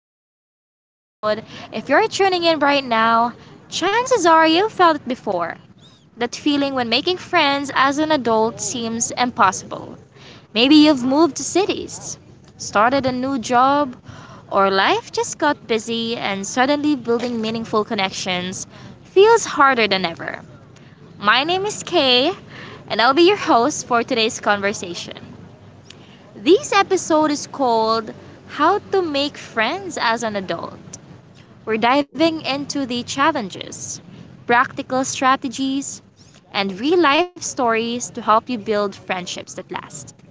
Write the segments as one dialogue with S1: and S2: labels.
S1: today's episode. If you're tuning in right now, chances are you've felt it before. That feeling when making friends as an adult seems impossible. Maybe you've moved to cities, started a new job, or life just got busy and suddenly building meaningful connections feels harder than ever. My name is Kay, and I'll be your host for today's conversation. This episode is called How to Make Friends as an Adult. We're diving into the challenges, practical strategies, and real life stories to help you build friendships that last.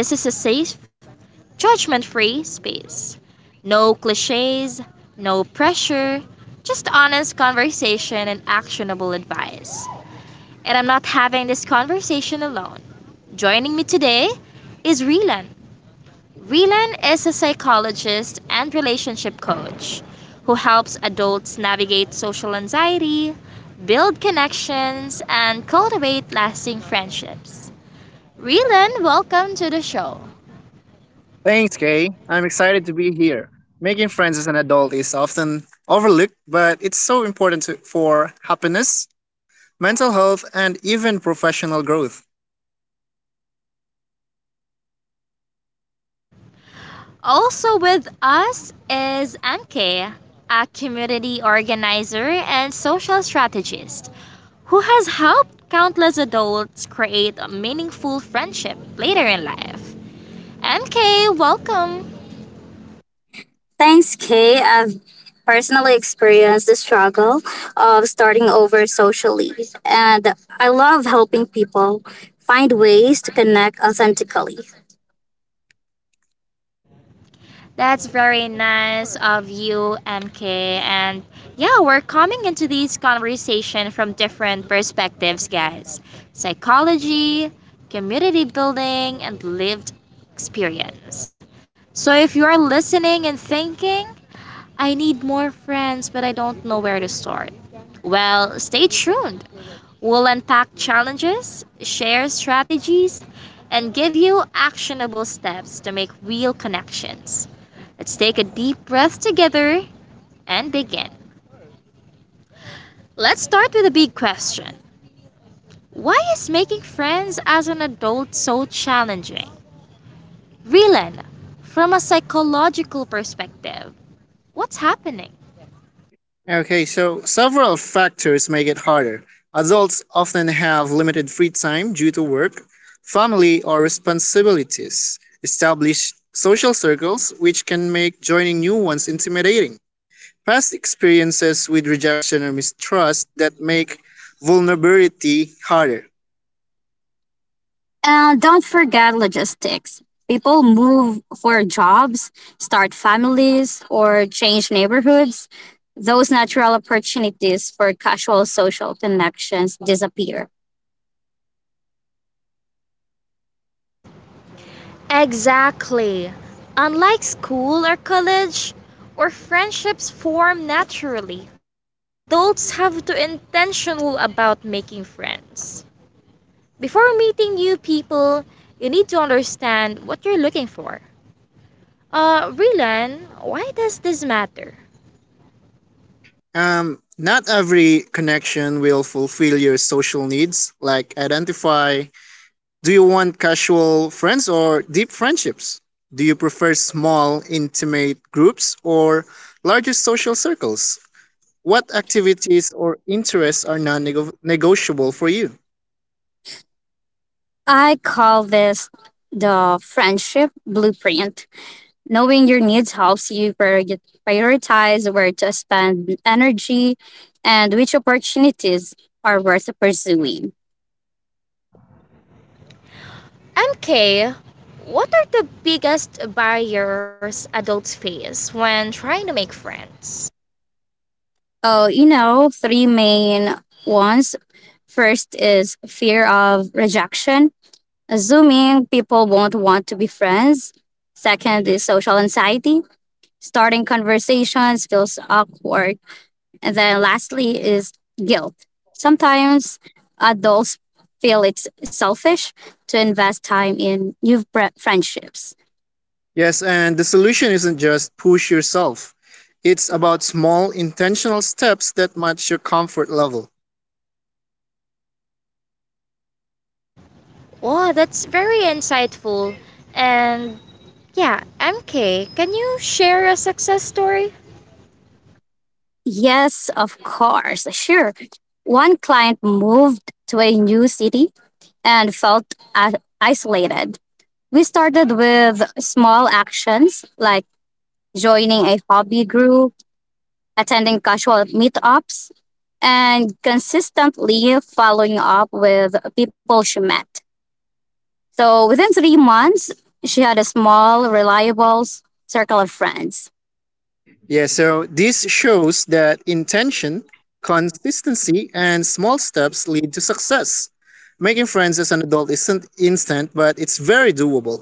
S1: This is a safe, judgment free space. No cliches, no pressure, just honest conversation and actionable advice. And I'm not having this conversation alone. Joining me today is Relan, Rylan is a psychologist and relationship coach who helps adults navigate social anxiety, build connections, and cultivate lasting friendships. Rylan, welcome to the show.
S2: Thanks, Kay. I'm excited to be here. Making friends as an adult is often overlooked, but it's so important to, for happiness, mental health, and even professional growth.
S1: Also with us is MK, a community organizer and social strategist who has helped countless adults create a meaningful friendship later in life. MK, welcome.
S3: Thanks, Kay. I've personally experienced the struggle of starting over socially, and I love helping people find ways to connect authentically.
S1: That's very nice of you, MK. And yeah, we're coming into this conversation from different perspectives, guys psychology, community building, and lived experience. So if you are listening and thinking, I need more friends, but I don't know where to start. Well, stay tuned. We'll unpack challenges, share strategies, and give you actionable steps to make real connections. Let's take a deep breath together and begin. Let's start with a big question. Why is making friends as an adult so challenging? Rilen, from a psychological perspective, what's happening?
S2: Okay, so several factors make it harder. Adults often have limited free time due to work, family, or responsibilities, established social circles, which can make joining new ones intimidating. Past experiences with rejection or mistrust that make vulnerability harder.
S3: And don't forget logistics. People move for jobs, start families, or change neighborhoods. Those natural opportunities for casual social connections disappear.
S1: Exactly. Unlike school or college, where friendships form naturally, adults have to be intentional about making friends. Before meeting new people, you need to understand what you're looking for. Rylan, why does this matter?
S2: Not every connection will fulfill your social needs. Like, identify, do you want casual friends or deep friendships? Do you prefer small, intimate groups or larger social circles? What activities or interests are non negotiable for you?
S3: I call this the friendship blueprint. Knowing your needs helps you prioritize where to spend energy and which opportunities are worth pursuing.
S1: MK, what are the biggest barriers adults face when trying to make friends?
S3: Oh, you know, three main ones. First is fear of rejection, assuming people won't want to be friends. Second is social anxiety. Starting conversations feels awkward. And then lastly is guilt. Sometimes adults feel it's selfish to invest time in new friendships.
S2: Yes, and the solution isn't just push yourself, it's about small, intentional steps that match your comfort level.
S1: Oh, that's very insightful. And yeah, MK, can you share a success story?
S3: Yes, of course, sure. One client moved to a new city and felt i- isolated. We started with small actions like joining a hobby group, attending casual meetups, and consistently following up with people she met. So within 3 months, she had a small, reliable circle of friends.
S2: Yeah, so this shows that intention, consistency, and small steps lead to success. Making friends as an adult isn't instant, but it's very doable.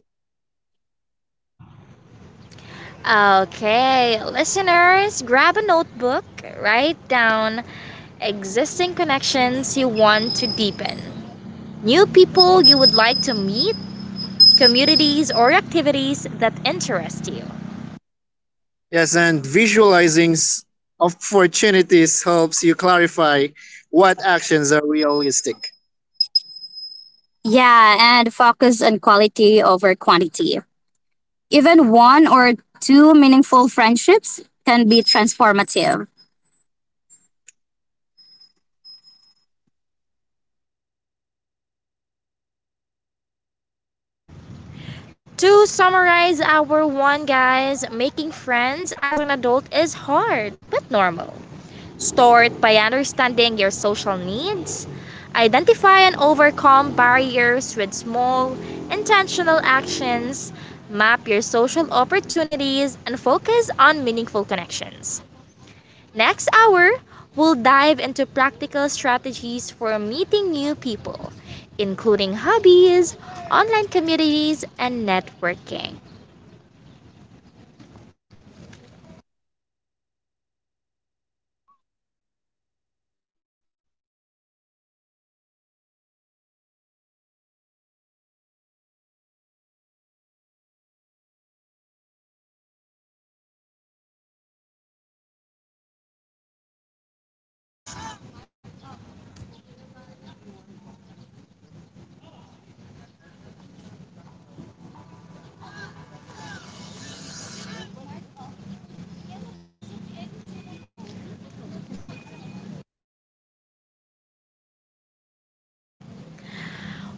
S1: Okay, listeners, grab a notebook, write down existing connections you want to deepen, new people you would like to meet, communities, or activities that interest you.
S2: Yes, and visualizing opportunities helps you clarify what actions are realistic.
S3: Yeah, and focus on quality over quantity. Even one or two meaningful friendships can be transformative.
S1: To summarize our one, guys, making friends as an adult is hard but normal. Start by understanding your social needs, identify and overcome barriers with small, intentional actions, map your social opportunities, and focus on meaningful connections. Next hour, we'll dive into practical strategies for meeting new people, including hobbies, online communities, and networking.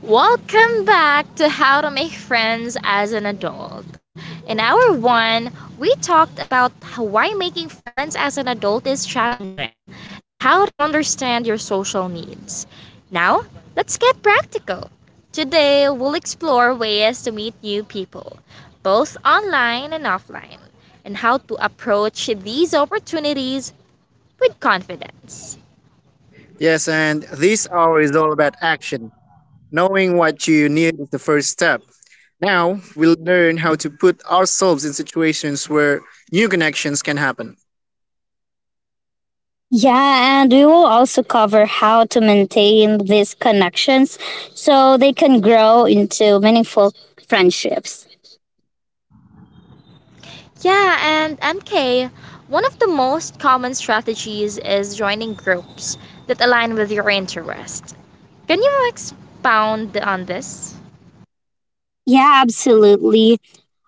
S1: Welcome back to How to Make Friends as an Adult. In hour one, we talked about why making friends as an adult is challenging and how to understand your social needs. Now, let's get practical. Today, we'll explore ways to meet new people, both online and offline, and how to approach these opportunities with confidence.
S2: Yes, and this hour is all about action. Knowing what you need is the first step. Now, we'll learn how to put ourselves in situations where new connections can happen.
S3: Yeah, and we will also cover how to maintain these connections so they can grow into meaningful friendships.
S1: Yeah, and MK, one of the most common strategies is joining groups that align with your interest. Can you expound on this?
S3: Yeah, absolutely.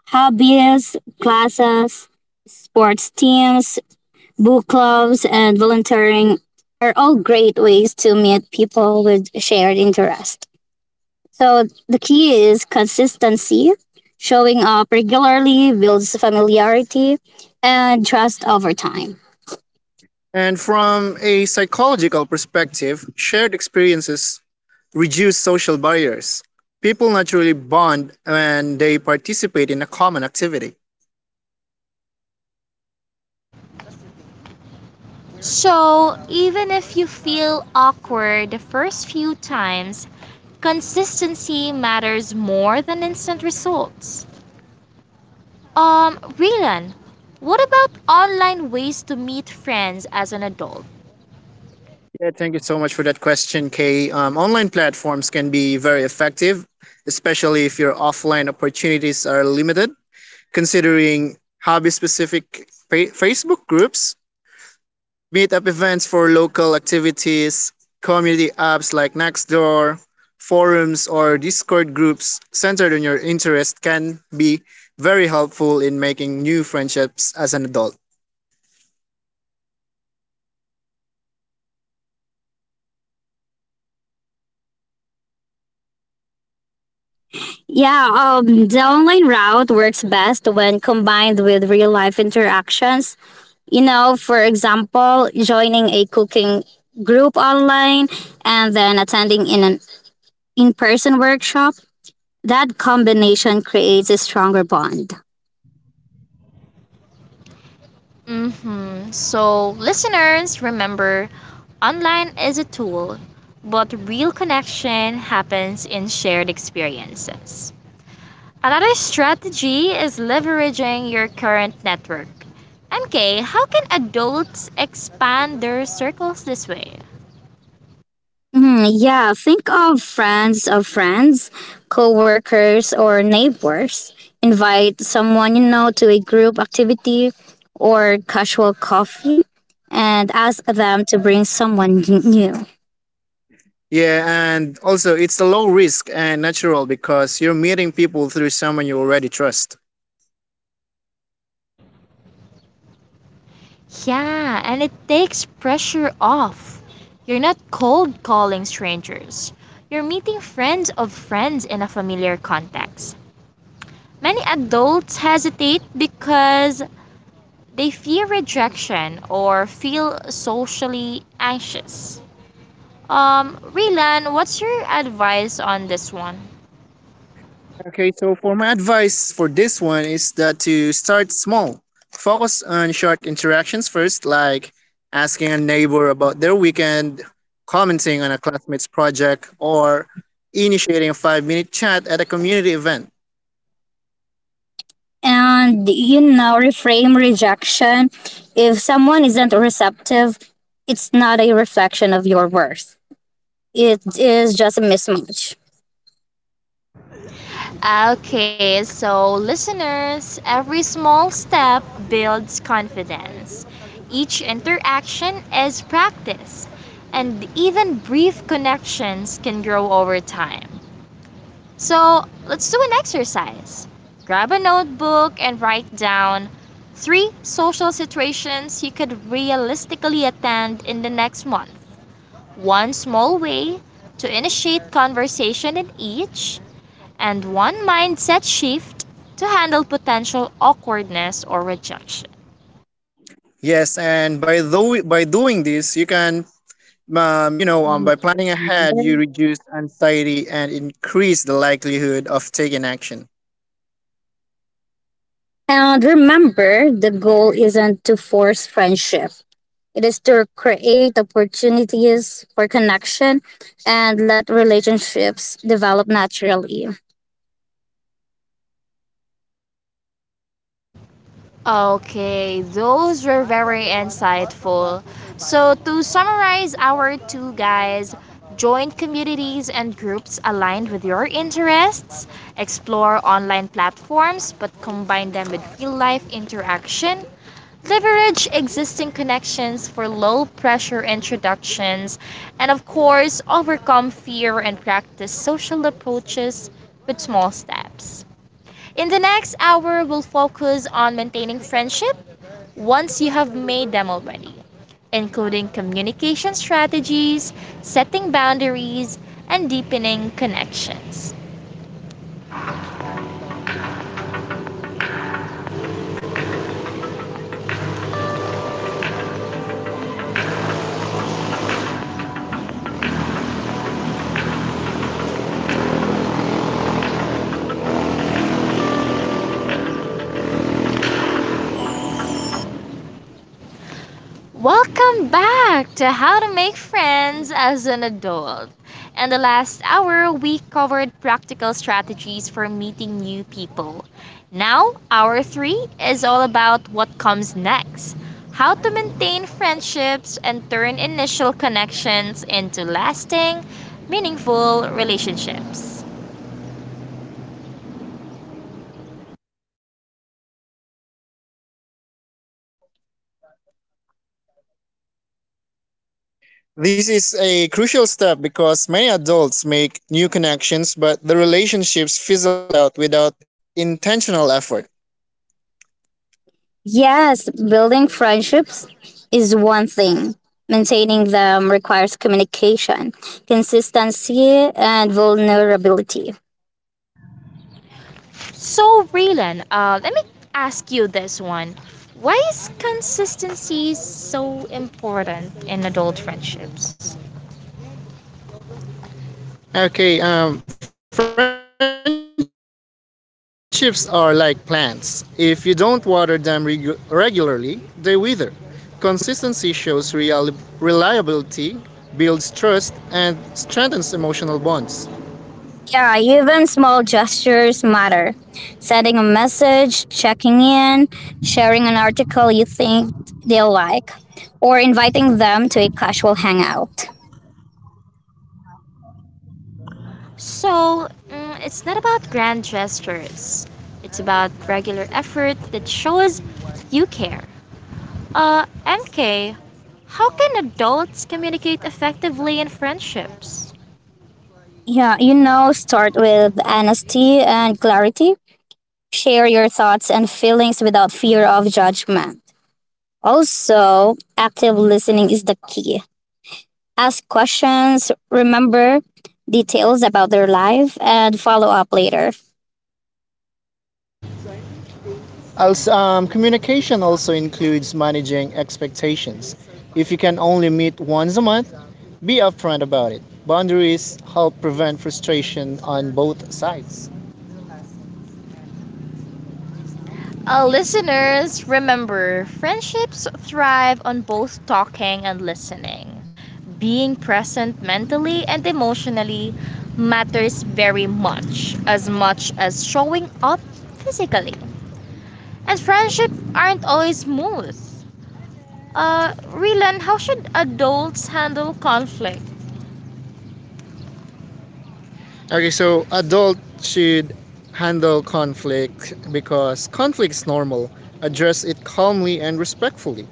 S3: Hobbies, classes, sports teams, book clubs, and volunteering are all great ways to meet people with shared interest. So the key is consistency. Showing up regularly builds familiarity and trust over time.
S2: And from a psychological perspective, shared experiences reduce social barriers. People naturally bond when they participate in a common activity.
S1: So, even if you feel awkward the first few times, consistency matters more than instant results. Rilan, what about online ways to meet friends as an adult?
S2: Yeah, thank you so much for that question, Kay. Online platforms can be very effective, especially if your offline opportunities are limited. Considering hobby specific Facebook groups, Meetup events for local activities, community apps like Nextdoor, forums, or Discord groups centered on your interest can be very helpful in making new friendships as an adult.
S3: Yeah, the online route works best when combined with real life interactions. You know, for example, joining a cooking group online and then attending in an in person workshop. That combination creates a stronger bond.
S1: So, listeners, remember online is a tool, but real connection happens in shared experiences. Another strategy is leveraging your current network. MK, how can adults expand their circles this way?
S3: Yeah, think of friends, co-workers or neighbors. Invite someone you know to a group activity or casual coffee and ask them to bring someone new.
S2: Yeah, and also it's a low risk and natural because you're meeting people through someone you already trust.
S1: Yeah, and it takes pressure off. You're not cold calling strangers. You're meeting friends of friends in a familiar context. Many adults hesitate because they fear rejection or feel socially anxious. Rilan, what's your advice on this one?
S2: Okay, so for my advice for this one is that to start small. Focus on short interactions first, like asking a neighbor about their weekend, commenting on a classmate's project, or initiating a 5-minute chat at a community event.
S3: And you know, reframe rejection. If someone isn't receptive, it's not a reflection of your worth. It is just a mismatch.
S1: Okay, so listeners, every small step builds confidence. Each interaction is practice, and even brief connections can grow over time. So let's do an exercise. Grab a notebook and write down three social situations you could realistically attend in the next month. One small way to initiate conversation in each, and one mindset shift to handle potential awkwardness or rejection.
S2: Yes, and by doing this, you can by planning ahead, you reduce anxiety and increase the likelihood of taking action.
S3: And remember, the goal isn't to force friendship. It is to create opportunities for connection and let relationships develop naturally.
S1: Okay, those were very insightful. So, to summarize our two guys, join communities and groups aligned with your interests, explore online platforms but combine them with real life interaction, leverage existing connections for low pressure introductions, and of course, overcome fear and practice social approaches with small steps. In the next hour, we'll focus on maintaining friendship once you have made them already, including communication strategies, setting boundaries, and deepening connections. Welcome back to How to Make Friends as an Adult. In the last hour, we covered practical strategies for meeting new people. Now, hour three is all about what comes next how to maintain friendships and turn initial connections into lasting, meaningful relationships.
S2: This is a crucial step because many adults make new connections, but the relationships fizzle out without intentional effort.
S3: Yes, building friendships is one thing. Maintaining them requires communication, consistency, and vulnerability.
S1: So, Raylan, let me ask you this one. Why is consistency so important in adult friendships? Okay, friendships are like plants. If you don't water them regularly, they wither. Consistency shows reliability, builds trust, and strengthens emotional bonds.
S3: Yeah, even small gestures matter. Sending a message, checking in, sharing an article you think they'll like, or inviting them to a casual hangout.
S1: So, it's not about grand gestures, it's about regular effort that shows you care. MK, how can adults communicate effectively in friendships?
S3: Yeah, you know, start with honesty and clarity. Share your thoughts and feelings without fear of judgment. Also, active listening is the key. Ask questions, remember details about their life, and follow up later.
S1: Also, communication also includes managing expectations. If you can only meet once a month, be upfront about it. Boundaries help prevent frustration on both sides. Listeners, remember, friendships thrive on both talking and listening. Being present mentally and emotionally matters very much as showing up physically. And friendships aren't always smooth. Rylan, how should adults handle conflict? Okay, so adult should handle conflict because conflict is normal. Address it calmly and respectfully.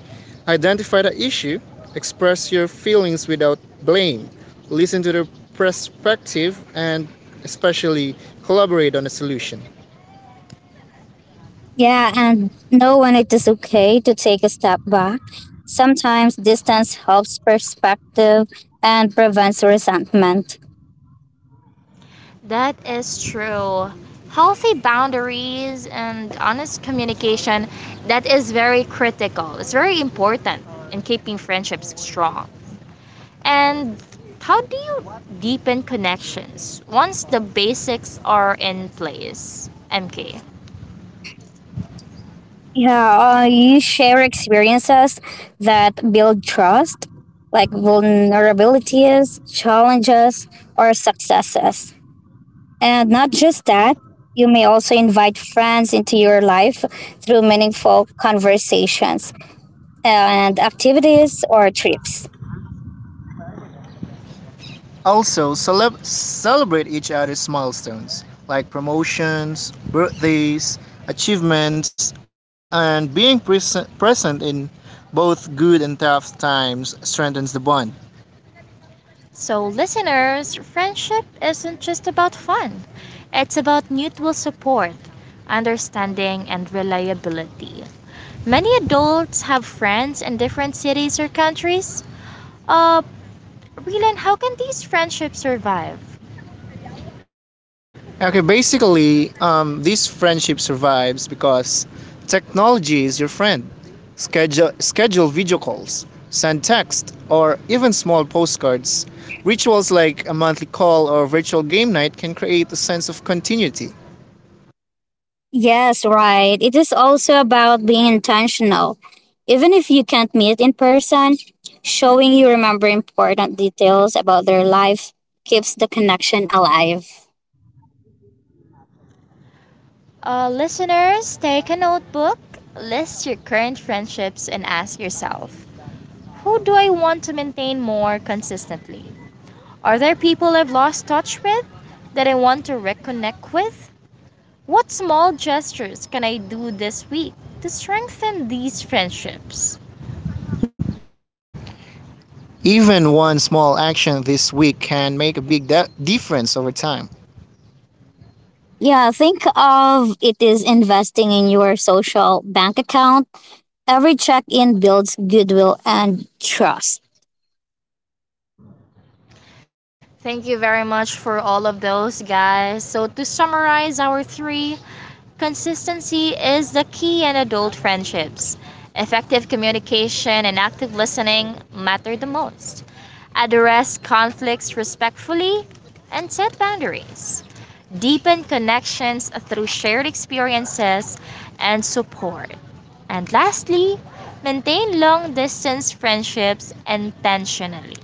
S1: Identify the issue, express your feelings without blame, listen to their perspective, and especially collaborate on a solution.
S3: Yeah, and know when it is okay to take a step back. Sometimes distance helps perspective and prevents resentment.
S1: That is true. Healthy boundaries and honest communication that is very critical. It's very important in keeping friendships strong. And how do you deepen connections once the basics are in place? MK.
S3: Yeah, you share experiences that build trust, like vulnerabilities, challenges, or successes. And not just that, you may also invite friends into your life through meaningful conversations and activities or trips.
S1: Also, celebrate each other's milestones, like promotions, birthdays, achievements, and being present in both good and tough times strengthens the bond. So, listeners, friendship isn't just about fun, it's about mutual support, understanding, and reliability. Many adults have friends in different cities or countries. Uh, Rylan, how can these friendships survive? Okay, basically, this friendship survives because technology is your friend. Schedule video calls, send text, or even small postcards. Rituals like a monthly call or virtual game night can create a sense of continuity.
S3: Yes, right. It is also about being intentional. Even if you can't meet in person, showing you remember important details about their life keeps the connection alive.
S1: Listeners, take a notebook, list your current friendships, and ask yourself who do I want to maintain more consistently? Are there people I've lost touch with that I want to reconnect with? What small gestures can I do this week to strengthen these friendships? Even one small action this week can make a big difference over time.
S3: Yeah, think of it is investing in your social bank account. Every check in builds goodwill and trust.
S1: Thank you very much for all of those, guys. So, to summarize our three, consistency is the key in adult friendships. Effective communication and active listening matter the most. Address conflicts respectfully and set boundaries. Deepen connections through shared experiences and support. And lastly, maintain long distance friendships intentionally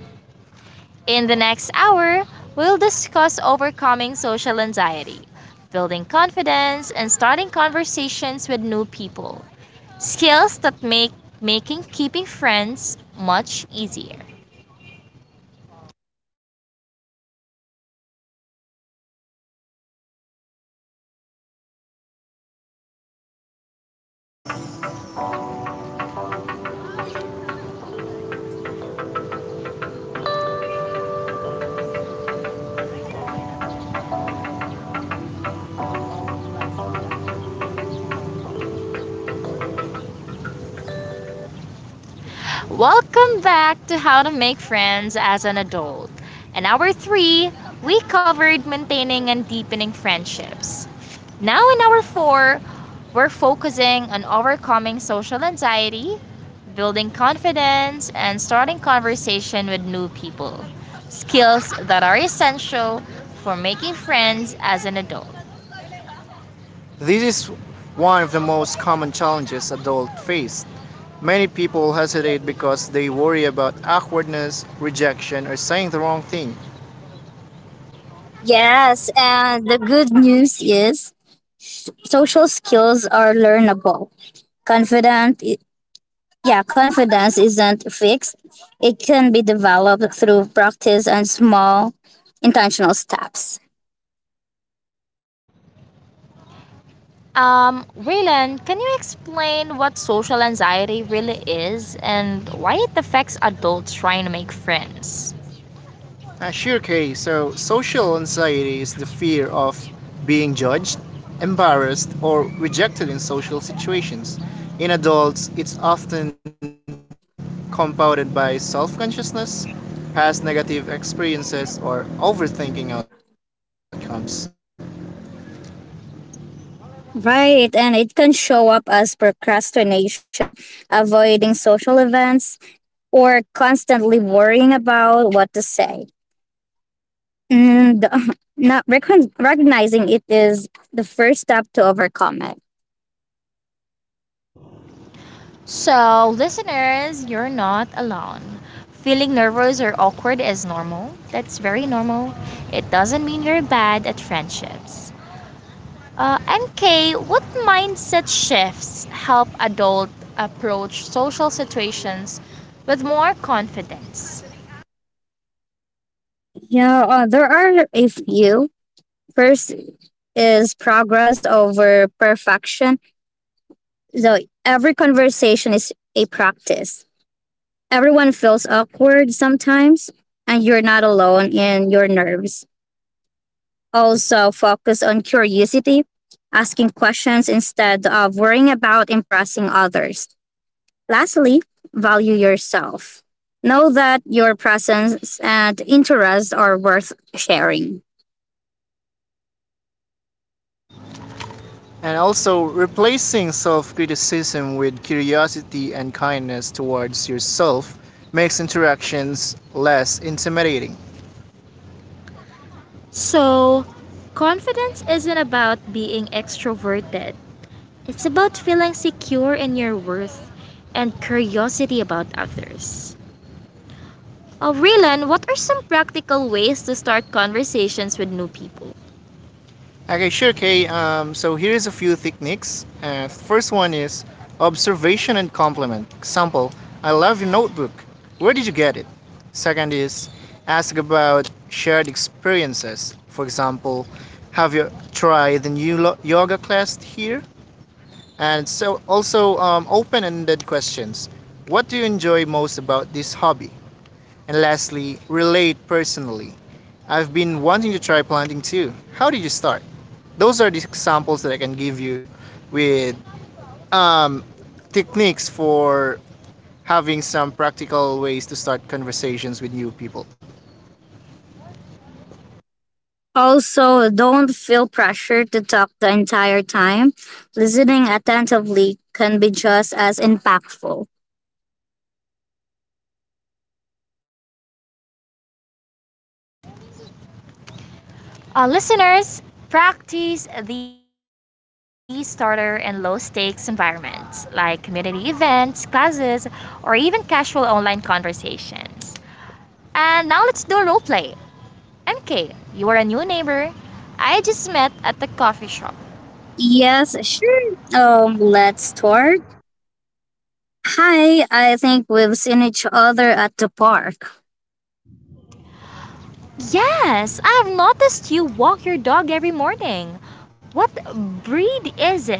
S1: in the next hour, we'll discuss overcoming social anxiety, building confidence, and starting conversations with new people. Skills that make making keeping friends much easier. Welcome back to How to Make Friends as an Adult. In hour 3, we covered maintaining and deepening friendships. Now, in hour four, we're focusing on overcoming social anxiety, building confidence, and starting conversation with new people. Skills that are essential for making friends as an adult. This is one of the most common challenges adults face. Many people hesitate because they worry about awkwardness, rejection, or saying the wrong thing.
S3: Yes, and the good news is social skills are learnable. Confident Yeah, confidence isn't fixed. It can be developed through practice and small intentional steps.
S1: Raylan, can you explain what social anxiety really is and why it affects adults trying to make friends? Sure, Kay. So, social anxiety is the fear of being judged, embarrassed, or rejected in social situations. In adults, it's often compounded by self consciousness, past negative experiences, or overthinking outcomes.
S3: Right, and it can show up as procrastination, avoiding social events, or constantly worrying about what to say. And not recognizing it is the first step to overcome it.
S1: So, listeners, you're not alone. Feeling nervous or awkward is normal. That's very normal. It doesn't mean you're bad at friendships. MK, what mindset shifts help adult approach social situations with more confidence?
S3: Yeah, there are a few. First is progress over perfection. So every conversation is a practice. Everyone feels awkward sometimes, and you're not alone in your nerves. Also, focus on curiosity, asking questions instead of worrying about impressing others. Lastly, value yourself. Know that your presence and interests are worth sharing.
S1: And also replacing self criticism with curiosity and kindness towards yourself makes interactions less intimidating. So, confidence isn't about being extroverted. It's about feeling secure in your worth and curiosity about others. Rylan, what are some practical ways to start conversations with new people? Okay, sure, Kay. So here is a few techniques. First one is observation and compliment. Example: I love your notebook. Where did you get it? Second is ask about shared experiences. For example, have you tried the new yoga class here? And so also open-ended questions. What do you enjoy most about this hobby? And lastly, relate personally. I've been wanting to try planting too. How did you start? Those are the examples that I can give you with um, techniques for having some practical ways to start conversations with new people.
S3: Also, don't feel pressured to talk the entire time. Listening attentively can be just as impactful.
S1: Listeners, practice these starter and low stakes environments like community events, classes, or even casual online conversations. And now let's do a role play. MK, you're a new neighbor I just met at the coffee shop.
S3: Yes, sure. Let's start. Hi, I think we've seen each other at the park.
S1: Yes, I've noticed you walk your dog every morning. What breed is it?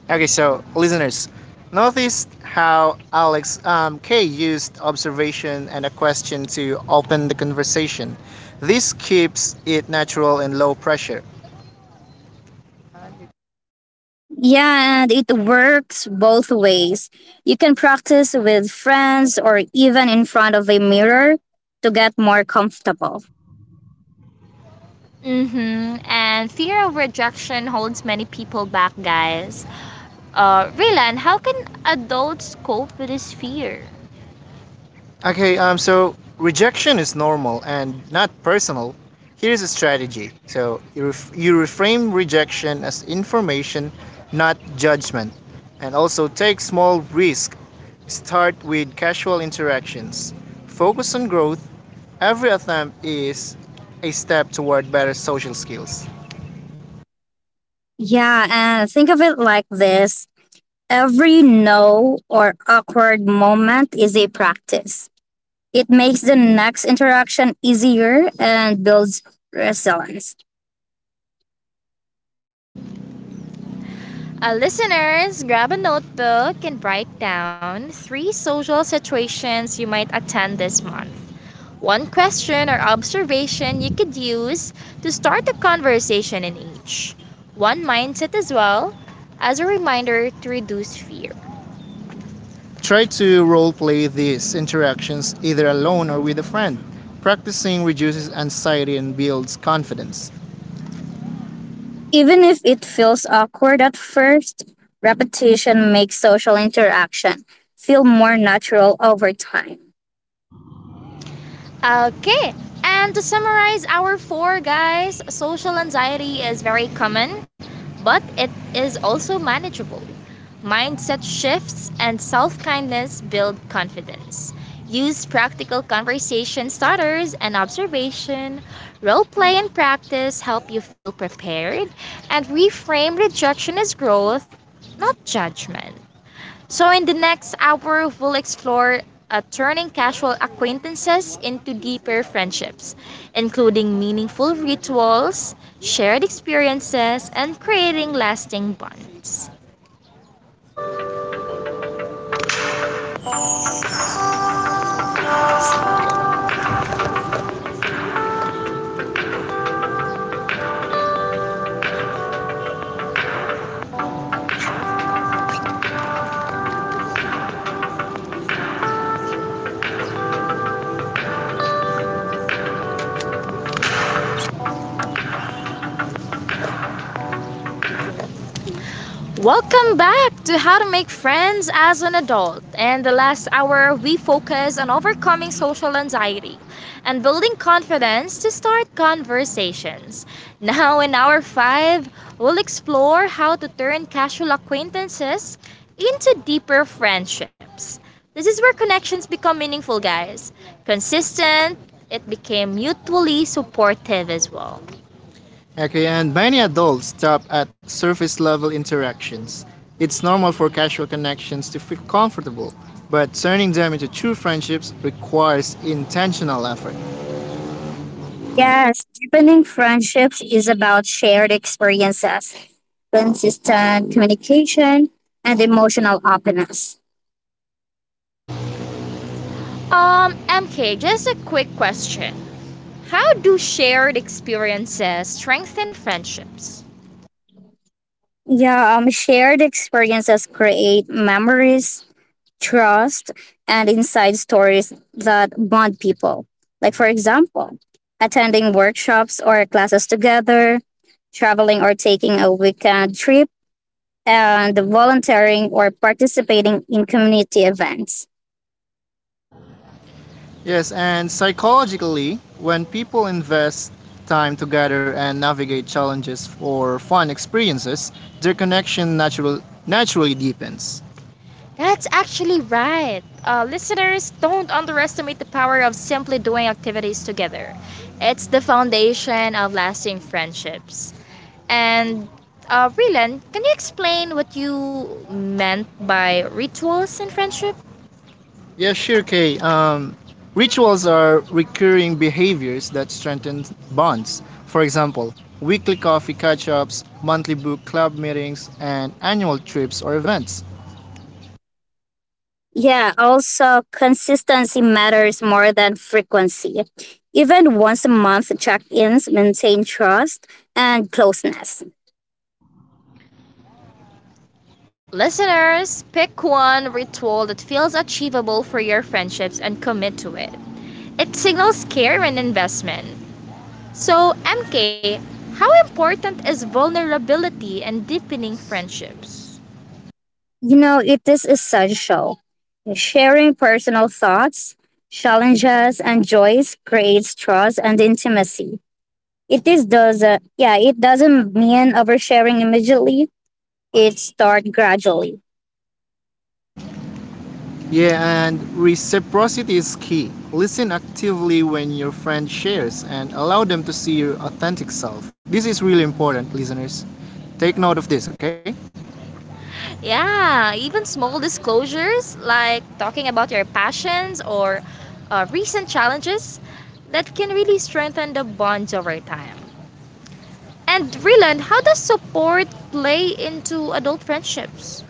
S1: Okay, so listeners, notice how Alex K used observation and a question to open the conversation. This keeps it natural and low pressure.
S3: Yeah, and it works both ways. You can practice with friends or even in front of a mirror to get more comfortable.
S1: Mm-hmm. And fear of rejection holds many people back, guys. Raylan, how can adults cope with this fear? Okay, so rejection is normal and not personal. Here's a strategy. You reframe rejection as information, not judgment, and also take small risk. Start with casual interactions. Focus on growth. Every attempt is a step toward better social skills.
S3: Yeah, and think of it like this. Every no or awkward moment is a practice. It makes the next interaction easier and builds resilience.
S1: Listeners, grab a notebook and write down three social situations you might attend this month. One question or observation you could use to start a conversation in each. One mindset as well as a reminder to reduce fear. Try to role play these interactions either alone or with a friend. Practicing reduces anxiety and builds confidence.
S3: Even if it feels awkward at first, repetition makes social interaction feel more natural over time.
S1: Okay. And to summarize our four guys, social anxiety is very common, but it is also manageable. Mindset shifts and self kindness build confidence. Use practical conversation starters and observation. Role play and practice help you feel prepared and reframe rejection as growth, not judgment. So, in the next hour, we'll explore turning casual acquaintances into deeper friendships, including meaningful rituals, shared experiences, and creating lasting bonds. Welcome back to How to Make Friends as an Adult. And the last hour, we focus on overcoming social anxiety and building confidence to start conversations. Now, in hour 5, we'll explore how to turn casual acquaintances into deeper friendships. This is where connections become meaningful, guys. Consistent, it became mutually supportive as well. Okay, and many adults stop at surface level interactions. It's normal for casual connections to feel comfortable, but turning them into true friendships requires intentional effort.
S3: Yes, deepening friendships is about shared experiences, consistent communication, and emotional openness.
S1: MK, just a quick question. How do shared experiences strengthen friendships?
S3: Yeah, shared experiences create memories, trust, and inside stories that bond people. Like, for example, attending workshops or classes together, traveling or taking a weekend trip, and volunteering or participating in community events.
S1: Yes, and psychologically, when people invest time together and navigate challenges or fun experiences, their naturally deepens. That's actually right. Listeners, don't underestimate the power of simply doing activities together. It's the foundation of lasting friendships. And Rylan, can you explain what you meant by rituals in friendship? Yeah, sure, Kay. Rituals are recurring behaviors that strengthen bonds. For example, weekly coffee catch ups, monthly book club meetings, and annual trips or events.
S3: Yeah, also, consistency matters more than frequency. Even once a month check ins maintain trust and closeness.
S1: Listeners, pick one ritual that feels achievable for your friendships and commit to it. It signals care and investment. So, MK, how important is vulnerability in deepening friendships?
S3: You know, it is essential. Sharing personal thoughts, challenges, and joys creates trust and intimacy. It is does Yeah, it doesn't mean oversharing immediately. It starts gradually.
S1: Yeah, and reciprocity is key. Listen actively when your friend shares and allow them to see your authentic self. This is really important, listeners. Take note of this, okay? Yeah, even small disclosures like talking about your passions or recent challenges that can really strengthen the bonds over time. And Ryland, how does support play into adult friendships?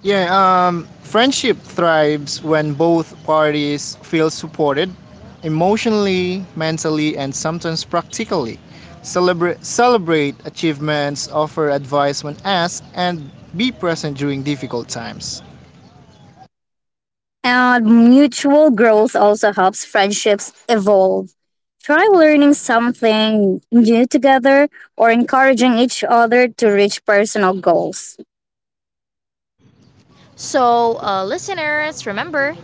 S1: Yeah, friendship thrives when both parties feel supported emotionally, mentally, and sometimes practically. Celebrate achievements, offer advice when asked, and be present during difficult times.
S3: And mutual growth also helps friendships evolve. Try learning something new together or encouraging each other to reach personal goals.
S1: So, listeners, remember,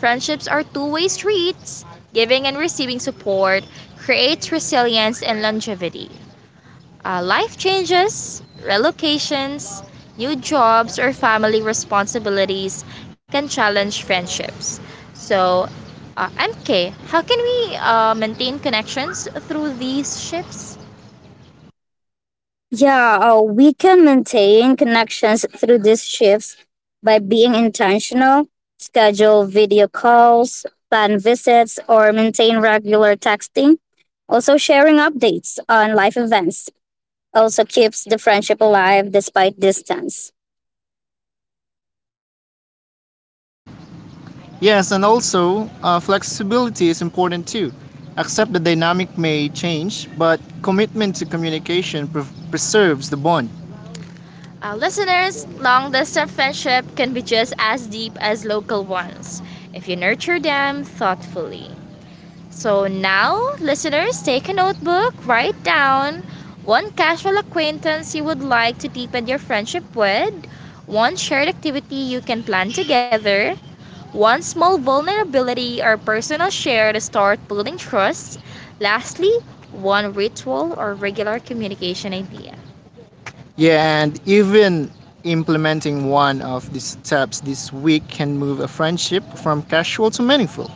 S1: friendships are two-way streets. Giving and receiving support creates resilience and longevity. Life changes, relocations, new jobs, or family responsibilities can challenge friendships. So, MK, how can we maintain connections through these shifts?
S3: Yeah, we can maintain connections through these shifts by being intentional, schedule video calls, plan visits, or maintain regular texting. Also, sharing updates on life events also keeps the friendship alive despite distance.
S1: Yes, and also flexibility is important too. Accept the dynamic may change, but commitment to preserves the bond. Listeners, long distance friendship can be just as deep as local ones if you nurture them thoughtfully. So now, listeners, take a notebook, write down one casual acquaintance you would like to deepen your friendship with, one shared activity you can plan together, one small vulnerability or personal share to start building trust, lastly, one ritual or regular communication idea. Yeah, and even implementing one of these steps this week can move a friendship from casual to meaningful.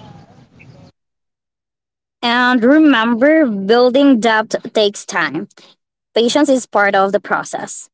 S3: And remember, building depth takes time. Patience is part of the process.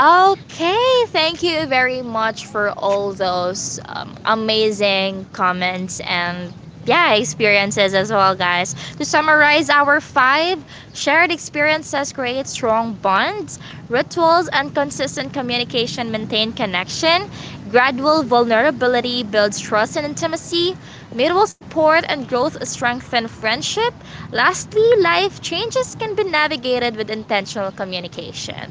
S1: Okay, thank you very much for all those amazing comments and yeah, experiences as well, guys. To summarize our 5 shared experiences create strong bonds, rituals and consistent communication maintain connection, gradual vulnerability builds trust and intimacy, mutual support and growth strengthen friendship. Lastly, life changes can be navigated with intentional communication.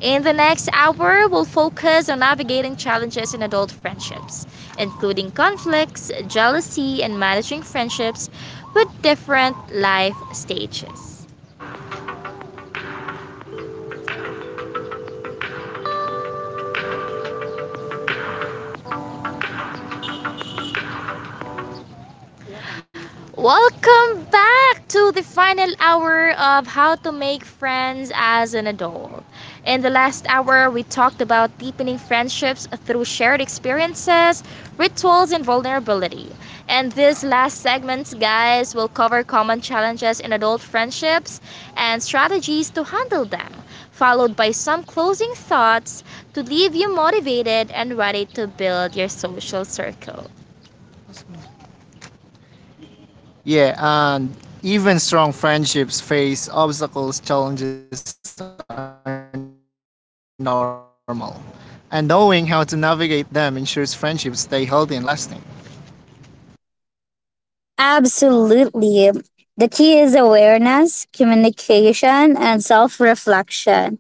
S1: In the next hour, we'll focus on navigating challenges in adult friendships, including conflicts, jealousy, and managing friendships with different life stages. Welcome back to the final hour of how to make friends as an adult. In the last hour, we talked about deepening friendships through shared experiences, rituals, and vulnerability. And this last segment, guys, will cover common challenges in adult friendships and strategies to handle them, followed by some closing thoughts to leave you motivated and ready to build your social circle. Yeah, and even strong friendships face obstacles, challenges are normal. And knowing how to navigate them ensures friendships stay healthy and lasting.
S3: Absolutely. The key is awareness, communication, and self reflection,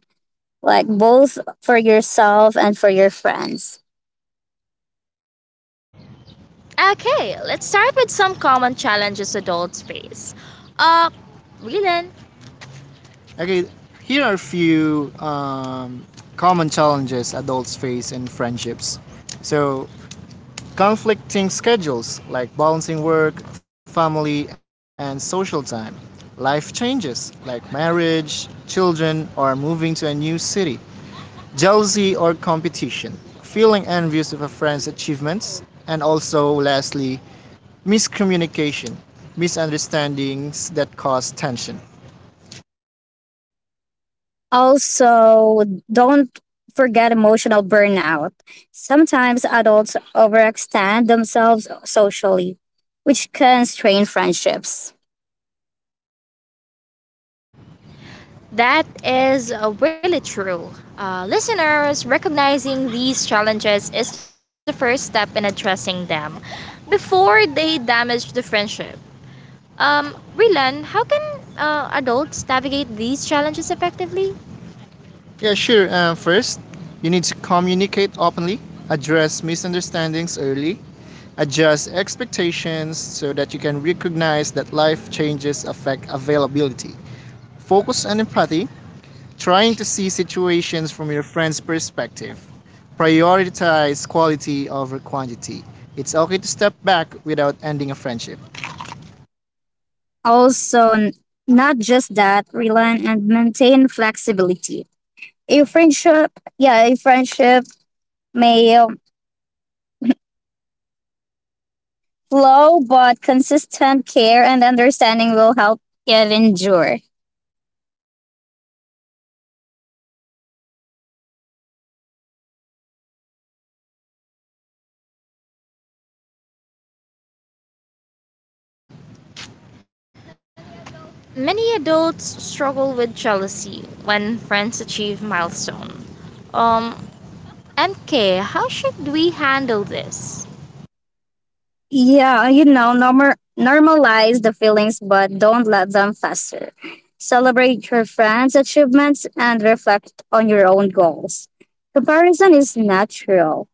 S3: like both for yourself and for your friends.
S1: Okay, let's start with some common challenges adults face. Uh, Rilan, okay, here are a few common challenges adults face in friendships. So, conflicting schedules like balancing work, family, and social time, life changes like marriage, children, or moving to a new city, jealousy or competition, feeling envious of a friend's achievements, and also, lastly, miscommunication, misunderstandings that cause tension.
S3: Also, don't forget emotional burnout. Sometimes adults overextend themselves socially, which can strain friendships.
S1: That is really true. Listeners, recognizing these challenges is the first step in addressing them before they damage the friendship. Rilan, how can adults navigate these challenges effectively? Yeah, sure. First, you need to communicate openly, address misunderstandings early, adjust expectations so that you can recognize that life changes affect availability. Focus on empathy, trying to see situations from your friend's perspective. Prioritize quality over quantity. It's okay to step back without ending a friendship.
S3: Also, not just that, rely and maintain flexibility. A friendship, yeah, a friendship may flow, but consistent care and understanding will help it endure.
S1: Many adults struggle with jealousy when friends achieve milestone. Um, MK, how should we handle this?
S3: Yeah, you know, normalize the feelings, but don't let them fester. Celebrate your friends' achievements and reflect on your own goals. Comparison is natural,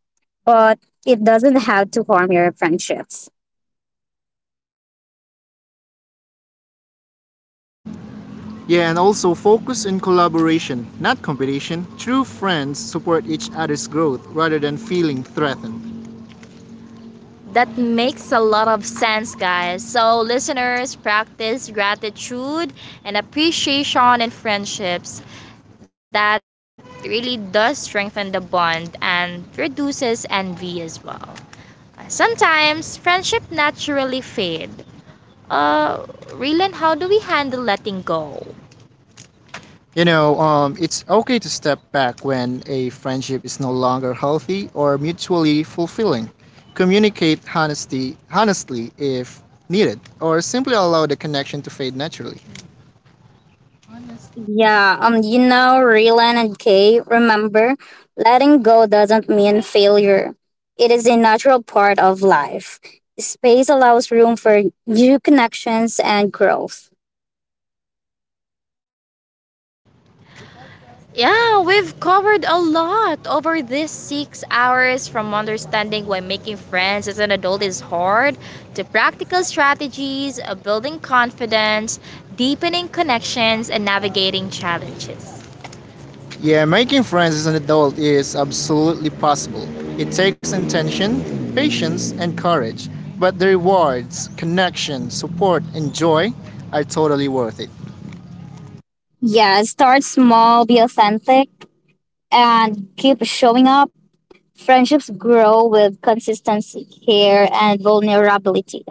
S3: but it doesn't have to harm your friendships.
S1: Yeah, and also focus on collaboration, not competition. True friends support each other's growth rather than feeling threatened. That makes a lot of sense, guys. So, listeners, practice gratitude and appreciation in friendships. That really does strengthen the bond and reduces envy as well. Sometimes friendship naturally fade. Uh, Rylan, how do we handle letting go? You know, it's okay to step back when a friendship is no longer healthy or mutually fulfilling. Honestly if needed, or simply allow the connection to fade naturally.
S3: Yeah, you know, Rylan and Kay, remember, letting go doesn't mean failure. It is a natural part of life. Space allows room for new connections and growth.
S1: Yeah, we've covered a lot over these 6 hours from understanding why making friends as an adult is hard to practical strategies, building confidence, deepening connections, and navigating challenges. Yeah, making friends as an adult is absolutely possible. It takes intention, patience, and courage, but the rewards, connection, support, and joy are totally worth it.
S3: Yeah, start small, be authentic, and keep showing up. Friendships grow with consistency, care, and vulnerability.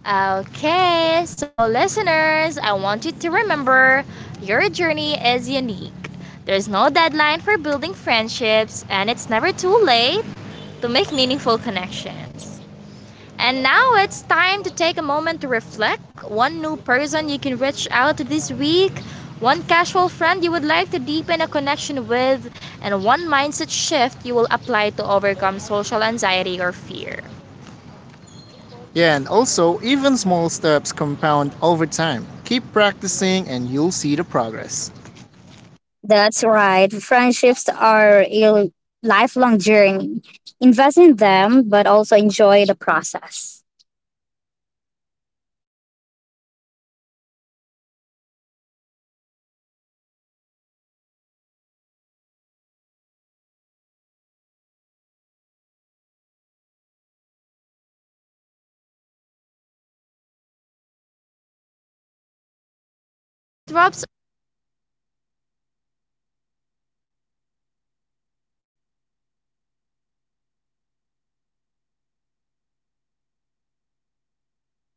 S1: Okay, so listeners, I want you to remember your journey is unique. There's no deadline for building friendships, and it's never too late to make meaningful connections. And now it's time to take a moment to reflect. One new person you can reach out to this week, one casual friend you would like to deepen a connection with, and one mindset shift you will apply to overcome social anxiety or fear. Yeah, and also, even small steps compound over time. Keep practicing and you'll see the progress.
S3: That's right. Friendships are a lifelong journey. Invest in them, but also enjoy the process.
S1: And yeah, thank you very much for all those insightful and totally made sense commentaries of all your of all the things that you have just mentioned, Rylan and MK. And guys, that wraps up our podcast for today, How to Make Friends as an Adult. A huge thank you to MK, and Rylan for sharing your expertise and insights today.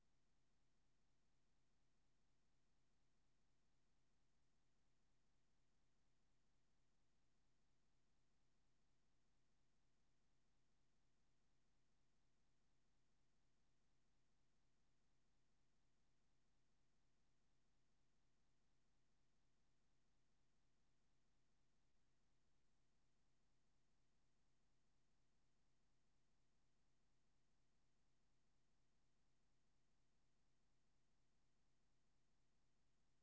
S1: To our listeners, thank you very much for spending these hours with us. I hope you feel inspired, equipped, and encouraged to take steps toward meaningful friendship. Remember, making friends as an adult is a journey, not a race. Your pace is perfect, your effort matters, and your connections are possible. This is Kay your host, signing off. Keep showing up, stay authentic, and nurture the friendships that matter. Thank you and have a wonderful day.